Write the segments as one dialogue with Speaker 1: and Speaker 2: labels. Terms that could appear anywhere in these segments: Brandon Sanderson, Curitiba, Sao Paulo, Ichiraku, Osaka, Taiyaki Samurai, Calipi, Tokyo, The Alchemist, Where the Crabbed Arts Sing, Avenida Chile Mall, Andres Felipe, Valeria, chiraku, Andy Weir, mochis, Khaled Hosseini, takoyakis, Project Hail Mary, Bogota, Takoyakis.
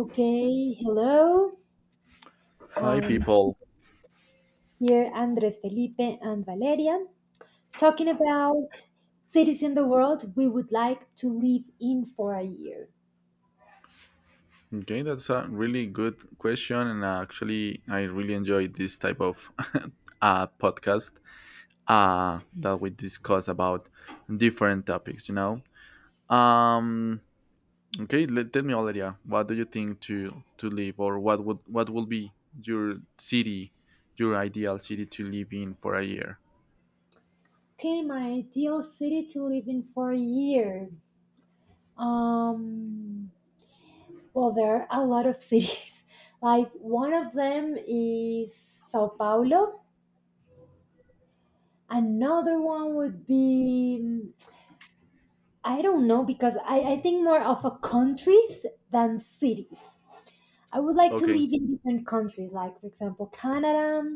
Speaker 1: Okay, hello.
Speaker 2: Hi,
Speaker 1: Um,
Speaker 2: people.
Speaker 1: Here Andres Felipe and Valeria talking about cities in the world we would like to live in for a year.
Speaker 2: Okay, that's a really good question, and actually, I really enjoy this type of podcast that we discuss about different topics. Um. Okay. Tell me, Valeria, what do you think to live, or what will be your city, your ideal city to live in for a year?
Speaker 1: Okay, my ideal city to live in for a year. Um, well, there are a lot of cities. Like one of them is Sao Paulo. Another one would be, I don't know, because I think more of a countries than cities. I would like to
Speaker 2: Okay.
Speaker 1: live in different countries, like for example Canada,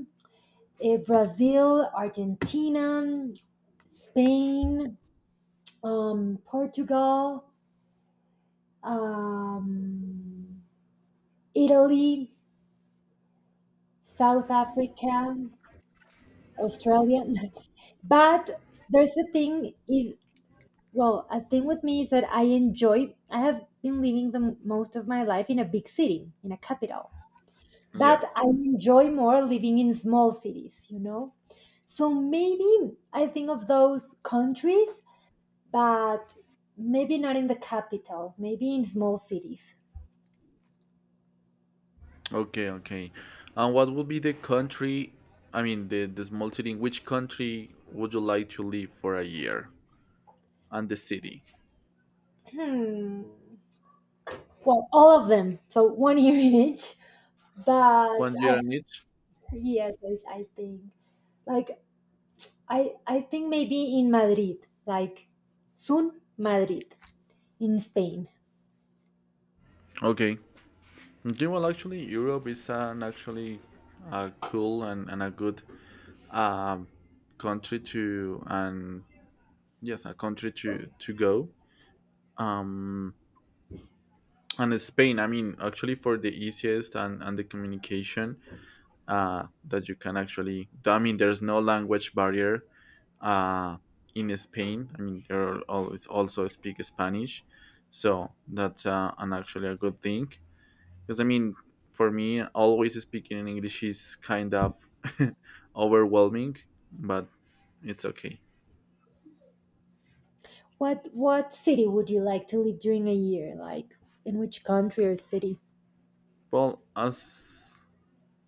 Speaker 1: Brazil, Argentina, Spain, Portugal, um, Italy, South Africa, Australia. But there's a thing is well, a thing with me is that I enjoy. I have been living the most of my life in a big city, in a capital. But I
Speaker 2: Yes.
Speaker 1: enjoy more living in small cities, you know? So maybe I think of those countries, but maybe not in the capitals, maybe in small cities.
Speaker 2: Okay, okay. And what would be the country, I mean, the small city, in which country would you like to live for a year? And the city?
Speaker 1: Hmm. Well, all of them. So one year in each. But
Speaker 2: One year
Speaker 1: I,
Speaker 2: in each?
Speaker 1: yes, I think. Like, I think maybe in Madrid, like soon Madrid in Spain.
Speaker 2: Okay. Okay, well, actually, Europe is an actually a cool and a good um, country to, and yes, a country to go. And Spain, I mean, actually for the easiest and the communication that you can actually, I mean, there's no language barrier uh, in Spain. I mean, they always also speak Spanish, so that's an actually a good thing. Because I mean, for me, always speaking in English is kind of overwhelming, but it's okay.
Speaker 1: What city would you like to live during a year? Like, in which country or city?
Speaker 2: Well, as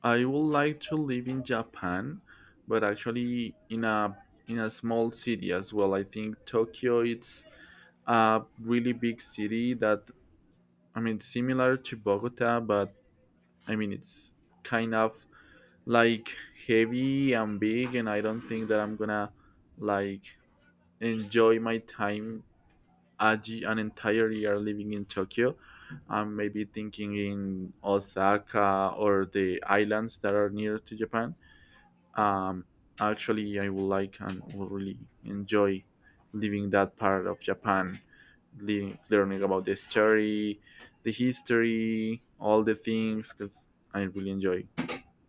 Speaker 2: I would like to live in Japan, but actually in a small city as well. I think Tokyo it's a really big city that I mean similar to Bogota, but I mean, it's kind of like heavy and big, and I don't think that I'm gonna like enjoy my time an entire year living in Tokyo. I'm maybe thinking in Osaka or the islands that are near to Japan. Um, actually, I would like and would really enjoy living that part of Japan, learning about the history, all the things, because I really enjoy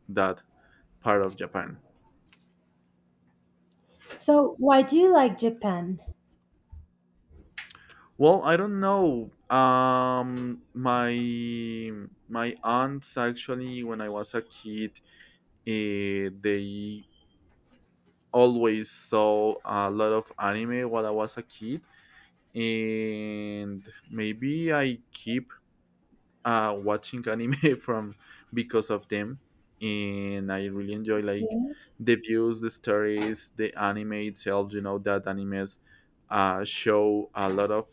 Speaker 2: that part of Japan.
Speaker 1: So, why do you like Japan?
Speaker 2: Well, I don't know. My aunts actually, when I was a kid, they always saw a lot of anime while I was a kid, and maybe I keep watching anime from because of them, and I really enjoy like
Speaker 1: Okay.
Speaker 2: the views, the stories, the anime itself. You know that animes show a lot of.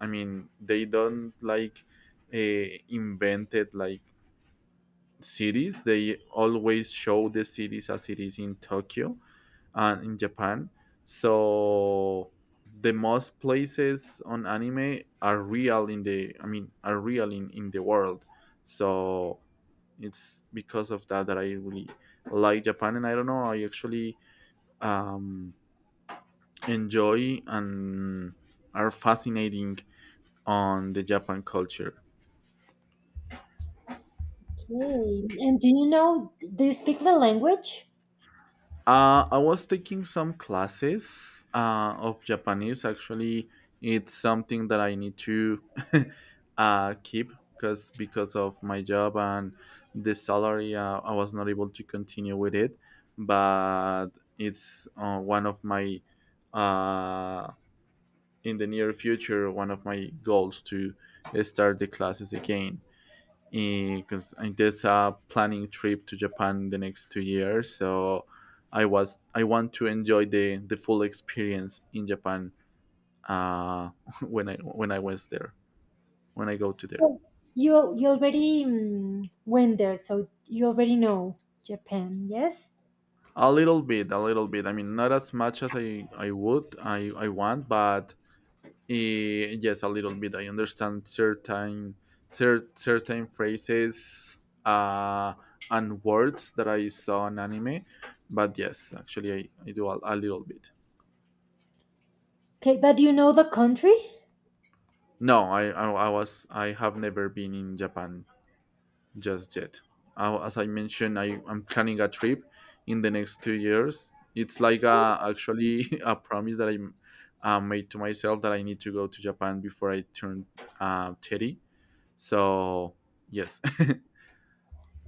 Speaker 2: I mean, they don't like invented like cities. They always show the cities as it is in Tokyo, and in Japan. So the most places on anime are real in the, I mean, are real in the world. So it's because of that that I really like Japan, and I don't know, I actually um, enjoy and are fascinating on the Japan culture.
Speaker 1: And do you speak the language?
Speaker 2: I was taking some classes of Japanese. Actually, it's something that I need to keep because of my job and the salary, I was not able to continue with it. But it's one of my uh, in the near future, one of my goals to start the classes again because there's a planning trip to Japan the next 2 years. So I want to enjoy the full experience in Japan, uh, when I was there, when I go to there.
Speaker 1: Well, you already went there, so you already know Japan, yes?
Speaker 2: A little bit, a little bit. I mean, not as much as I would I want, but yes, a little bit. I understand certain certain phrases and words that I saw in anime, but yes, actually I do a little bit.
Speaker 1: Okay, but do you know the country?
Speaker 2: No, I have never been in Japan just yet. As I mentioned, I am planning a trip in the next 2 years. It's like actually a promise that I made to myself that I need to go to Japan before I turn 30. So yes,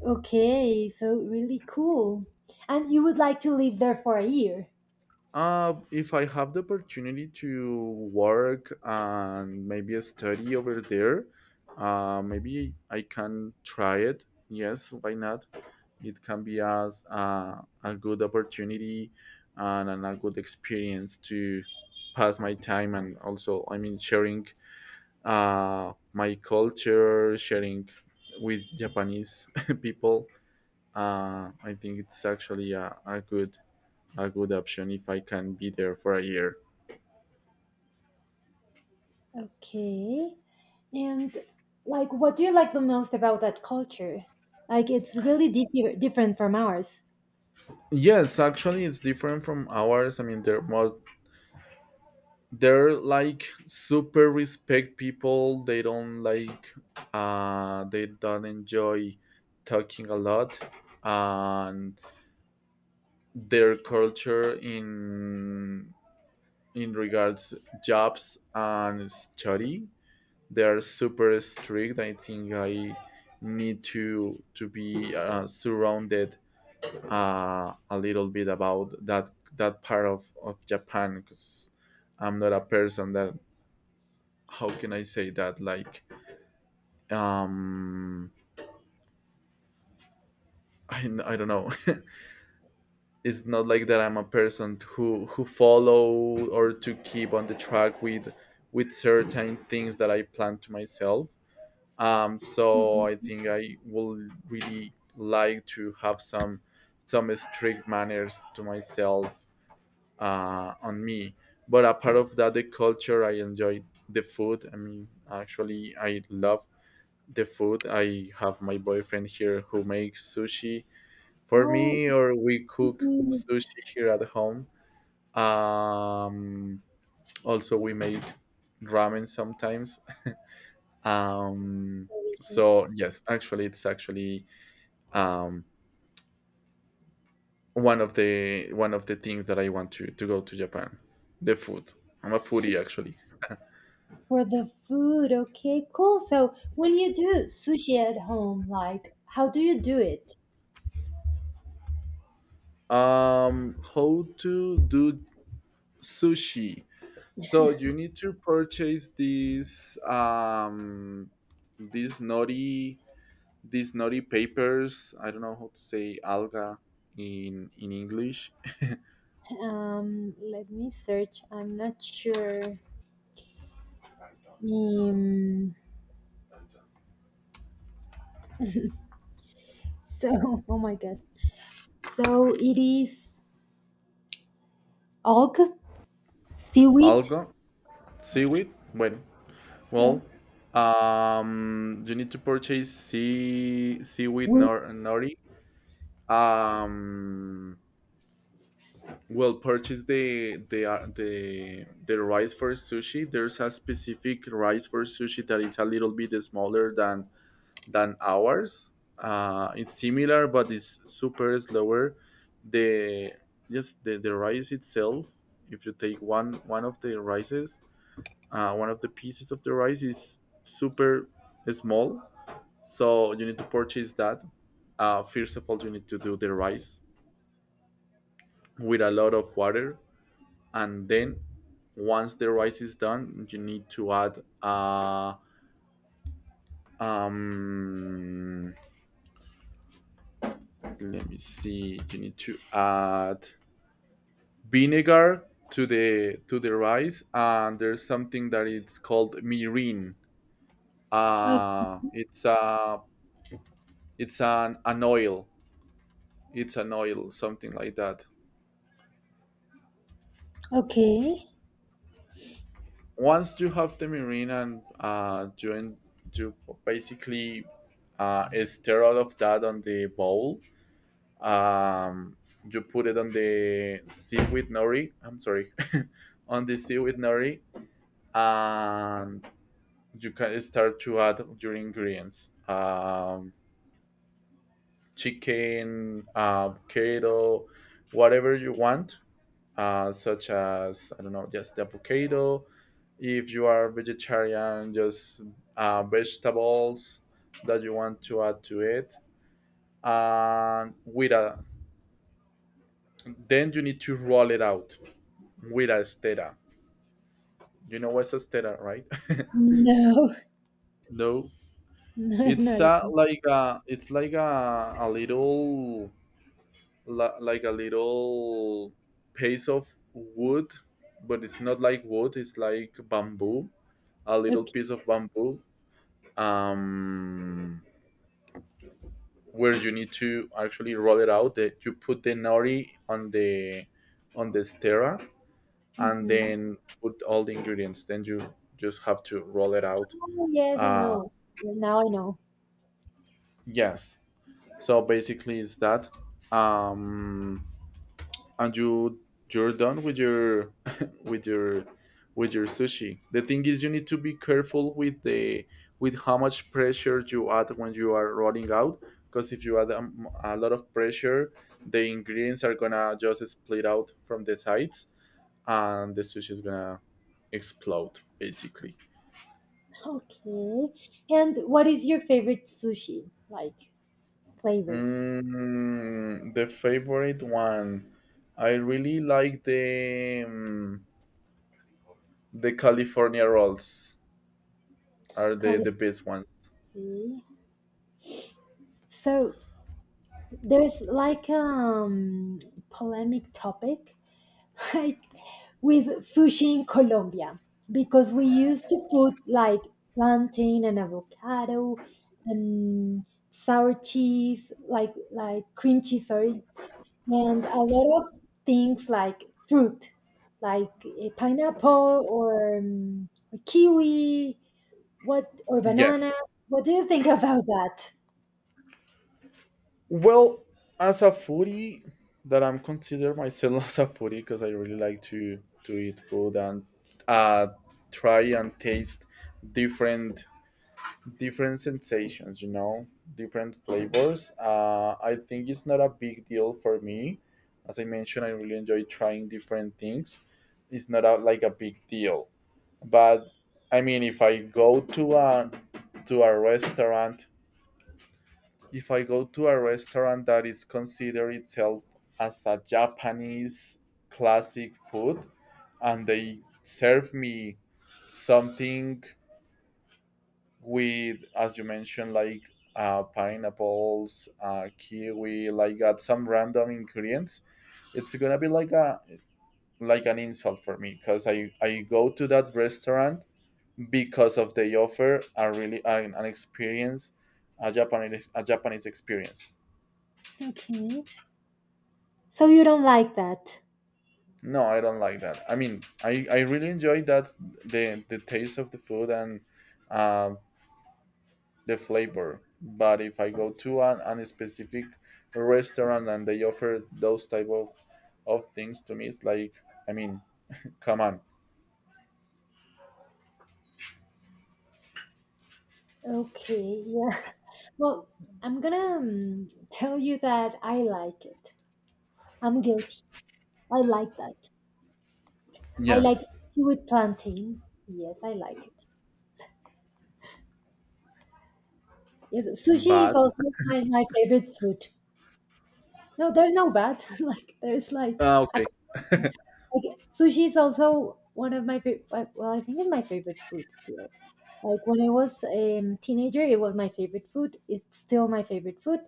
Speaker 1: Okay, so really cool. And you would like to live there for a year.
Speaker 2: if I have the opportunity to work and maybe study over there, maybe I can try it. Yes, why not? It can be as a good opportunity and a good experience to pass my time, and also I mean sharing my culture, sharing with Japanese people, I think it's actually a good option if I can be there for a year.
Speaker 1: Okay. And like what do you like the most about that culture? Like it's really different from ours.
Speaker 2: Yes, actually, it's different from ours. I mean, they're like super respect people. They don't like, they don't enjoy talking a lot. And their culture in regards jobs and study, they are super strict. I think I need to be surrounded a little bit about that, that part of Japan, because I'm not a person that, how can I say that? Like, um, I don't know. It's not like that. I'm a person who follow or to keep on the track with, certain things that I plan to myself. So I
Speaker 1: Mhm.
Speaker 2: think I will really like to have some strict manners to myself, on me. But apart of that, the culture, I enjoy the food. I mean, actually, I love the food. I have my boyfriend here who makes sushi for
Speaker 1: Oh,
Speaker 2: me, or we cook sushi here at home. Um, also, we made ramen sometimes. Um,
Speaker 1: delicious.
Speaker 2: so yes, actually, it's actually um, one of the things that I want to go to Japan. The food. I'm a foodie actually.
Speaker 1: For the food, okay, cool. So when you do sushi at home, like how do you do it?
Speaker 2: How to do sushi? So you need to purchase these these naughty these naughty papers. I don't know how to say alga in English.
Speaker 1: Let me search. I'm not sure. Um, so oh my god. So it is og seaweed.
Speaker 2: Alga seaweed. Bueno,
Speaker 1: Yeah.
Speaker 2: well, you need to purchase seaweed
Speaker 1: With,
Speaker 2: nor nori. Um, well, purchase the the rice for sushi. There's a specific rice for sushi that is a little bit smaller than ours. It's similar, but it's super slower. The the rice itself. If you take one of the rices, one of the pieces of the rice is super small, so you need to purchase that. First of all, you need to do the rice with a lot of water, and then once the rice is done, you need to add. Um, let me see. You need to add vinegar to the rice, and there's something that it's called mirin.
Speaker 1: o-
Speaker 2: It's a, it's an oil. It's an oil, something like that.
Speaker 1: okay.
Speaker 2: Once you have the mirin, and you you basically stir all of that on the bowl. um you put it on the seaweed nori, I'm sorry on the seaweed nori, and you can start to add your ingredients, chicken, avocado, whatever you want, such as I don't know, just the avocado if you are vegetarian, just vegetables that you want to add to it. And with a then you need to roll it out with a stera. You know what's a stera, right?
Speaker 1: No,
Speaker 2: No,
Speaker 1: no,
Speaker 2: it's
Speaker 1: not at all.
Speaker 2: like a, it's like a little, like a little piece of wood, but it's not like wood, it's like bamboo, a little
Speaker 1: Okay.
Speaker 2: piece of bamboo. Um, where you need to actually roll it out. That you put the nori on the stirrer, and
Speaker 1: Mm-hmm.
Speaker 2: then put all the ingredients. Then you just have to roll it out.
Speaker 1: Oh, yes, I
Speaker 2: Uh,
Speaker 1: know. Now I know.
Speaker 2: yes. So basically, it's that. Um, and you you're done with your with your with your sushi. The thing is, you need to be careful with the with how much pressure you add when you are rolling out, because if you add a lot of pressure, the ingredients are gonna just split out from the sides, and the sushi is gonna explode basically.
Speaker 1: Okay. And what is your favorite sushi like? Flavors.
Speaker 2: Mm, the favorite one. I really like the, California rolls. Are the
Speaker 1: Calipi.
Speaker 2: best ones.
Speaker 1: So there's like polemic topic like with sushi in Colombia, because we used to put like plantain and avocado and sour cheese like cream cheese, sorry, and a lot of things like fruit, like a pineapple or a kiwi what or banana,
Speaker 2: Yes.
Speaker 1: what do you think about that?
Speaker 2: Well, as a foodie, that I'm consider myself as a foodie, because I really like to eat food and uh try and taste different different sensations. You know, different flavors. I think it's not a big deal for me. As I mentioned, I really enjoy trying different things. It's not like a big deal, but I mean, if I go to a restaurant if I go to a restaurant that is considered itself as a Japanese classic food, and they serve me something with, as you mentioned, like pineapples, kiwi, like got some random ingredients, it's gonna be like a like an insult for me, because I go to that restaurant because of they offer a really an experience, a Japanese experience.
Speaker 1: Okay. So you don't like that.
Speaker 2: No, I don't like that. I mean, I really enjoy that, the taste of the food and um the flavor. But if I go to an specific restaurant, and they offer those type of things to me, it's like, I mean, come on.
Speaker 1: Okay, yeah. Well, I'm gonna tell you that I like it. I'm guilty. I like that. I like
Speaker 2: Yes,
Speaker 1: sushi with plantain. Yes, I like it. Yes, sushi is
Speaker 2: but
Speaker 1: also my favorite food. No, there's no bad. like there's like,
Speaker 2: ah,
Speaker 1: I, c-
Speaker 2: okay,
Speaker 1: like sushi is also one of my favorite. Well, I think it's my favorite food still. Like when I was a teenager, it was my favorite food. It's still my favorite food.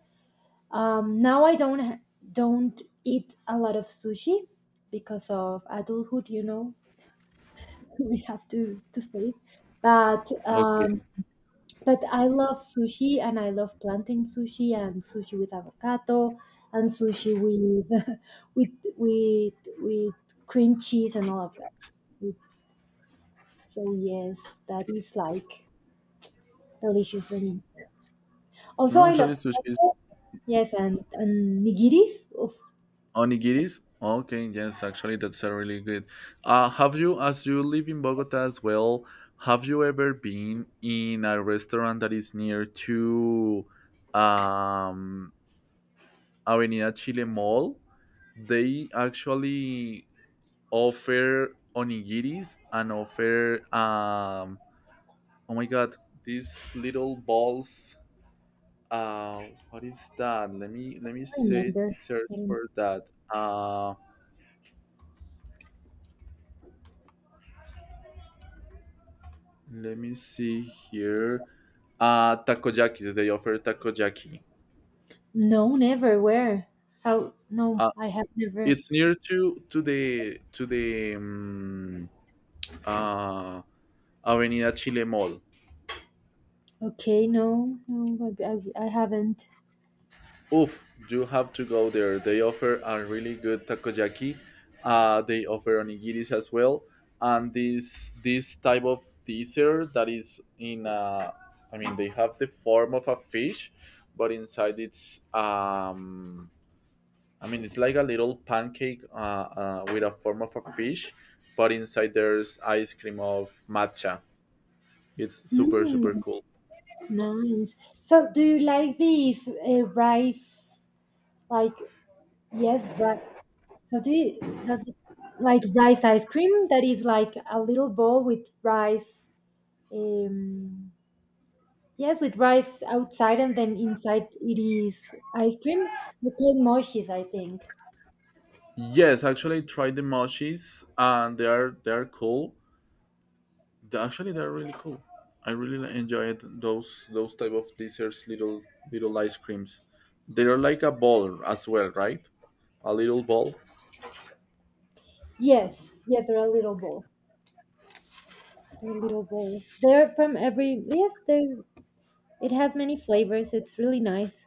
Speaker 1: Now I don't ha- don't eat a lot of sushi because of adulthood. You know, we have to save. But
Speaker 2: okay.
Speaker 1: I love sushi and I love plantain sushi and sushi with avocado and sushi with with with with cream cheese and all of that. It- So yes, that is like delicious for me. Also,
Speaker 2: No,
Speaker 1: I love
Speaker 2: actually, sushi.
Speaker 1: chocolate. Yes, and nigiris. Oof,
Speaker 2: Onigiris? Okay, yes, actually, that's a really good. Have you, as you live in Bogota as well, have you ever been in a restaurant that is near to um, Avenida Chile Mall? They actually offer onigiris and offer, oh my god, these little balls. What is that? Let me
Speaker 1: I
Speaker 2: say
Speaker 1: remember.
Speaker 2: search for that. Uh, Let me see here. Takoyakis. They offer takoyaki.
Speaker 1: No, never. Where? How? No,
Speaker 2: Uh
Speaker 1: I have never.
Speaker 2: it's near to the, uh Avenida Chile Mall.
Speaker 1: Okay, no, no, I haven't.
Speaker 2: Oof, you have to go there. They offer a really good takoyaki. They offer onigiris as well. And this type of dessert that is in, I mean they have the form of a fish, but inside it's, I mean, it's like a little pancake, with a form of a fish, but inside there's ice cream of matcha. It's super super
Speaker 1: Mm,
Speaker 2: cool.
Speaker 1: nice. So, do you like these rice? Like, yes, rice. Does it like rice ice cream that is like a little bowl with rice? Um, yes, with rice outside and then inside it is ice cream. We call mochis, I think.
Speaker 2: Yes, actually, I tried the mochis, and they are cool. They- actually, they are really cool. I really enjoyed those type of desserts, little ice creams. They are like a ball as well, right? A little ball.
Speaker 1: Yes, yes, they're a little bowl. The little bowls. They're from every yes, they it has many flavors. It's really nice.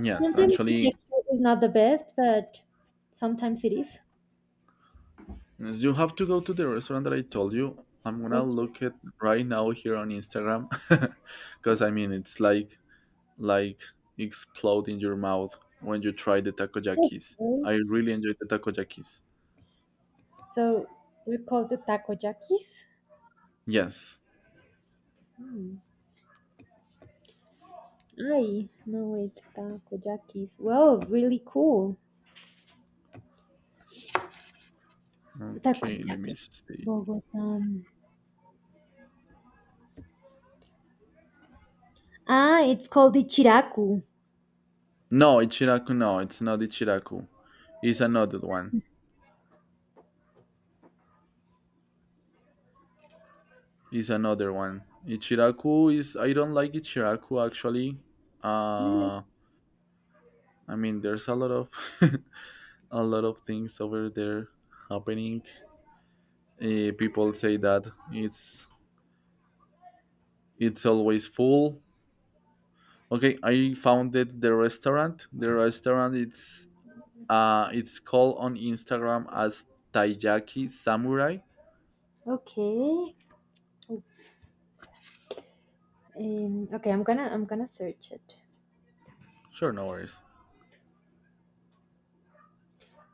Speaker 2: Yes,
Speaker 1: Sometimes the
Speaker 2: actually,
Speaker 1: texture is not the best, but sometimes it is.
Speaker 2: yes, you have to go to the restaurant that I told you. I'm gonna
Speaker 1: Okay.
Speaker 2: look at right now here on Instagram, because I mean it's like, like explode in your mouth when you try the takoyakis.
Speaker 1: Okay.
Speaker 2: I really enjoy the takoyakis.
Speaker 1: So they're called the takoyakis.
Speaker 2: Yes.
Speaker 1: Hmm. Ay, no wait, takoyakis. Well, really cool.
Speaker 2: Okay, let
Speaker 1: Takoyaki.
Speaker 2: me see.
Speaker 1: Bogota. Ah, it's called the chiraku.
Speaker 2: No, Ichiraku. No, it's not Ichiraku. It's another one. It's another one. Ichiraku is. I don't like Ichiraku actually.
Speaker 1: Mm,
Speaker 2: Uh, I mean, there's a lot of. A lot of things over there happening. People say that it's always full. Okay, I founded the restaurant. The restaurant it's, it's called on Instagram as Taiyaki Samurai.
Speaker 1: okay. Okay, I'm gonna search it.
Speaker 2: Sure, no worries.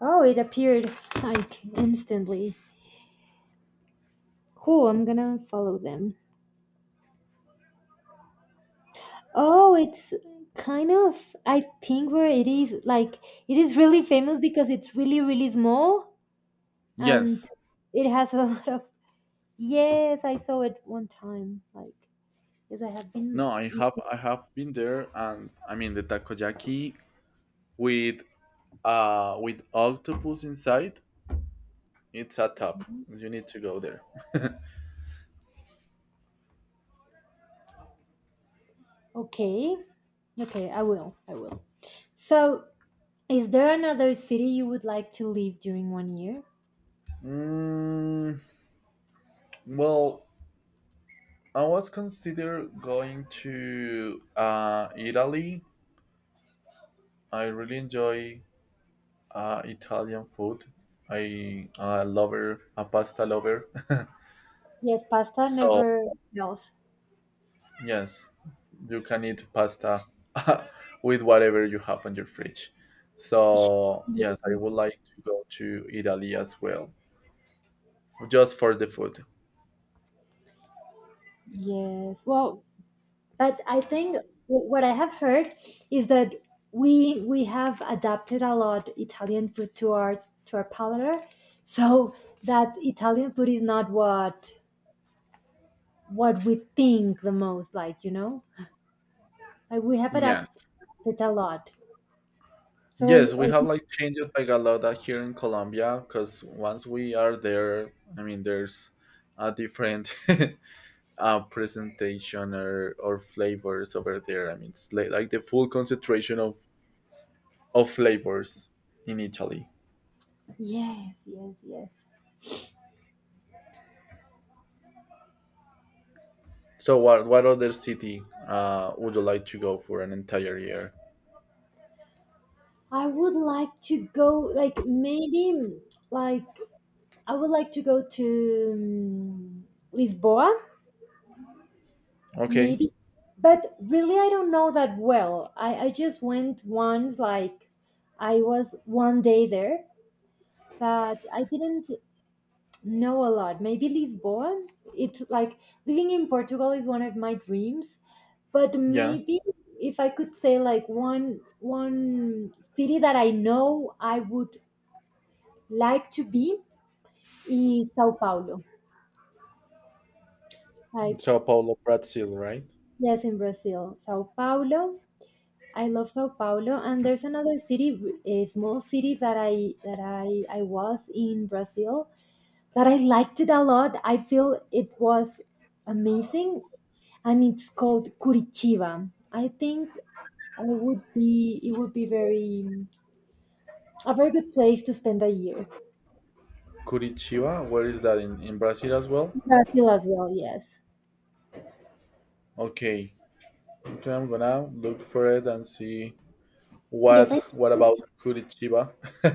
Speaker 1: Oh, it appeared like instantly. Cool, I'm gonna follow them. Oh, it's kind of, I think where it is, like, it is really famous because it's really, really small and
Speaker 2: Yes.
Speaker 1: it has a lot of. Yes, I saw it one time. Like, yes, I have been.
Speaker 2: No, I have been there, and I mean the takoyaki with with octopus inside, it's a top. You need to go there.
Speaker 1: Okay, okay, I will, I will. So, is there another city you would like to live during one year?
Speaker 2: Mm, well, I was consider going to Italy. I really enjoy Italian food. I a lover, a pasta lover.
Speaker 1: Yes, pasta
Speaker 2: So
Speaker 1: never fails.
Speaker 2: yes, you can eat pasta with whatever you have on your fridge. So yes, I would like to go to Italy as well, just for the food.
Speaker 1: Yes. Well, but I think what I have heard is that we have adapted a lot Italian food to our palate, so that Italian food is not what we think the most. Like like we have
Speaker 2: Yes.
Speaker 1: adapted a lot. So
Speaker 2: Yes, we have like changed like a lot that here in Colombia, because once we are there, I mean, there's a different presentation or flavors over there. I mean, it's like, the full concentration of flavors in Italy.
Speaker 1: yes, yes, yes.
Speaker 2: So, what other city would you like to go for an entire year?
Speaker 1: I would like to go. Like maybe like I would like to go to Lisboa.
Speaker 2: Okay,
Speaker 1: Maybe, but really, I don't know that well. I just went once, like I was one day there, but I didn't know a lot. Maybe Lisbon. It's like living in Portugal is one of my dreams, but
Speaker 2: yeah,
Speaker 1: maybe if I could say like one city that I know I would like to be is Sao Paulo. Like
Speaker 2: Sao Paulo, Brazil, right?
Speaker 1: yes, in Brazil, Sao Paulo. I love Sao Paulo, and there's another city, a small city that I was in Brazil that I liked it a lot. I feel it was amazing, and it's called Curitiba. I think I would be it would be very a very good place to spend a year.
Speaker 2: Curitiba, where is that in, Brazil as well?
Speaker 1: Brazil as well, yes.
Speaker 2: Okay, okay, I'm gonna look for it and see.
Speaker 1: Yes, I think
Speaker 2: What about
Speaker 1: that
Speaker 2: Curitiba?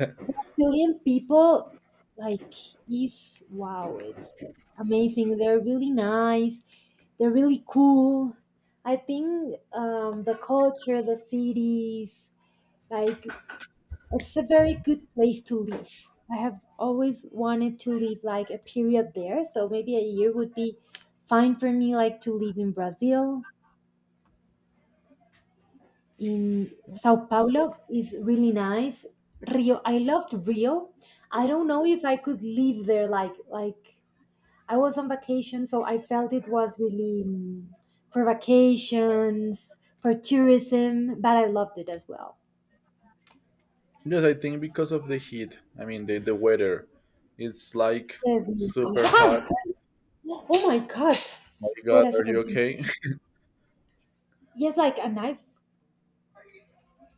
Speaker 1: Brazilian people like is wow, it's amazing. They're really nice. They're really cool. I think the culture, the cities, like it's a very good place to live. I have always wanted to live like a period there, so maybe a year would be fine for me. Like to live in Brazil, in Sao Paulo is really nice. Rio, I loved Rio. I don't know if I could live there like I was on vacation, so I felt it was really for vacations, for tourism, but I loved it as well.
Speaker 2: Yes, I think because of the heat. I mean the weather. It's like
Speaker 1: Yes.
Speaker 2: super hot.
Speaker 1: Wow! Oh my god!
Speaker 2: My
Speaker 1: Wait
Speaker 2: god,
Speaker 1: a
Speaker 2: are you
Speaker 1: second.
Speaker 2: okay?
Speaker 1: Yes, like a knife.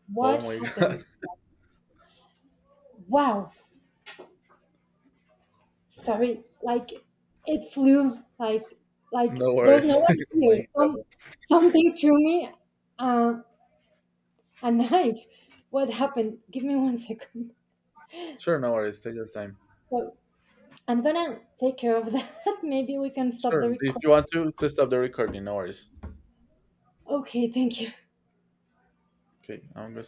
Speaker 1: What
Speaker 2: Oh my god.
Speaker 1: happened? Wow! Sorry, like it flew. Like
Speaker 2: No
Speaker 1: there's no
Speaker 2: worries. Oh
Speaker 1: one
Speaker 2: my
Speaker 1: here.
Speaker 2: god.
Speaker 1: Something threw me. Uh, a knife. What happened? Give me one second.
Speaker 2: Sure, no worries. Take your time.
Speaker 1: So I'm gonna take care of that. Maybe we can stop the
Speaker 2: Sure. If
Speaker 1: recording.
Speaker 2: you want to stop the recording, no worries.
Speaker 1: Okay, thank you.
Speaker 2: Okay, I'm gonna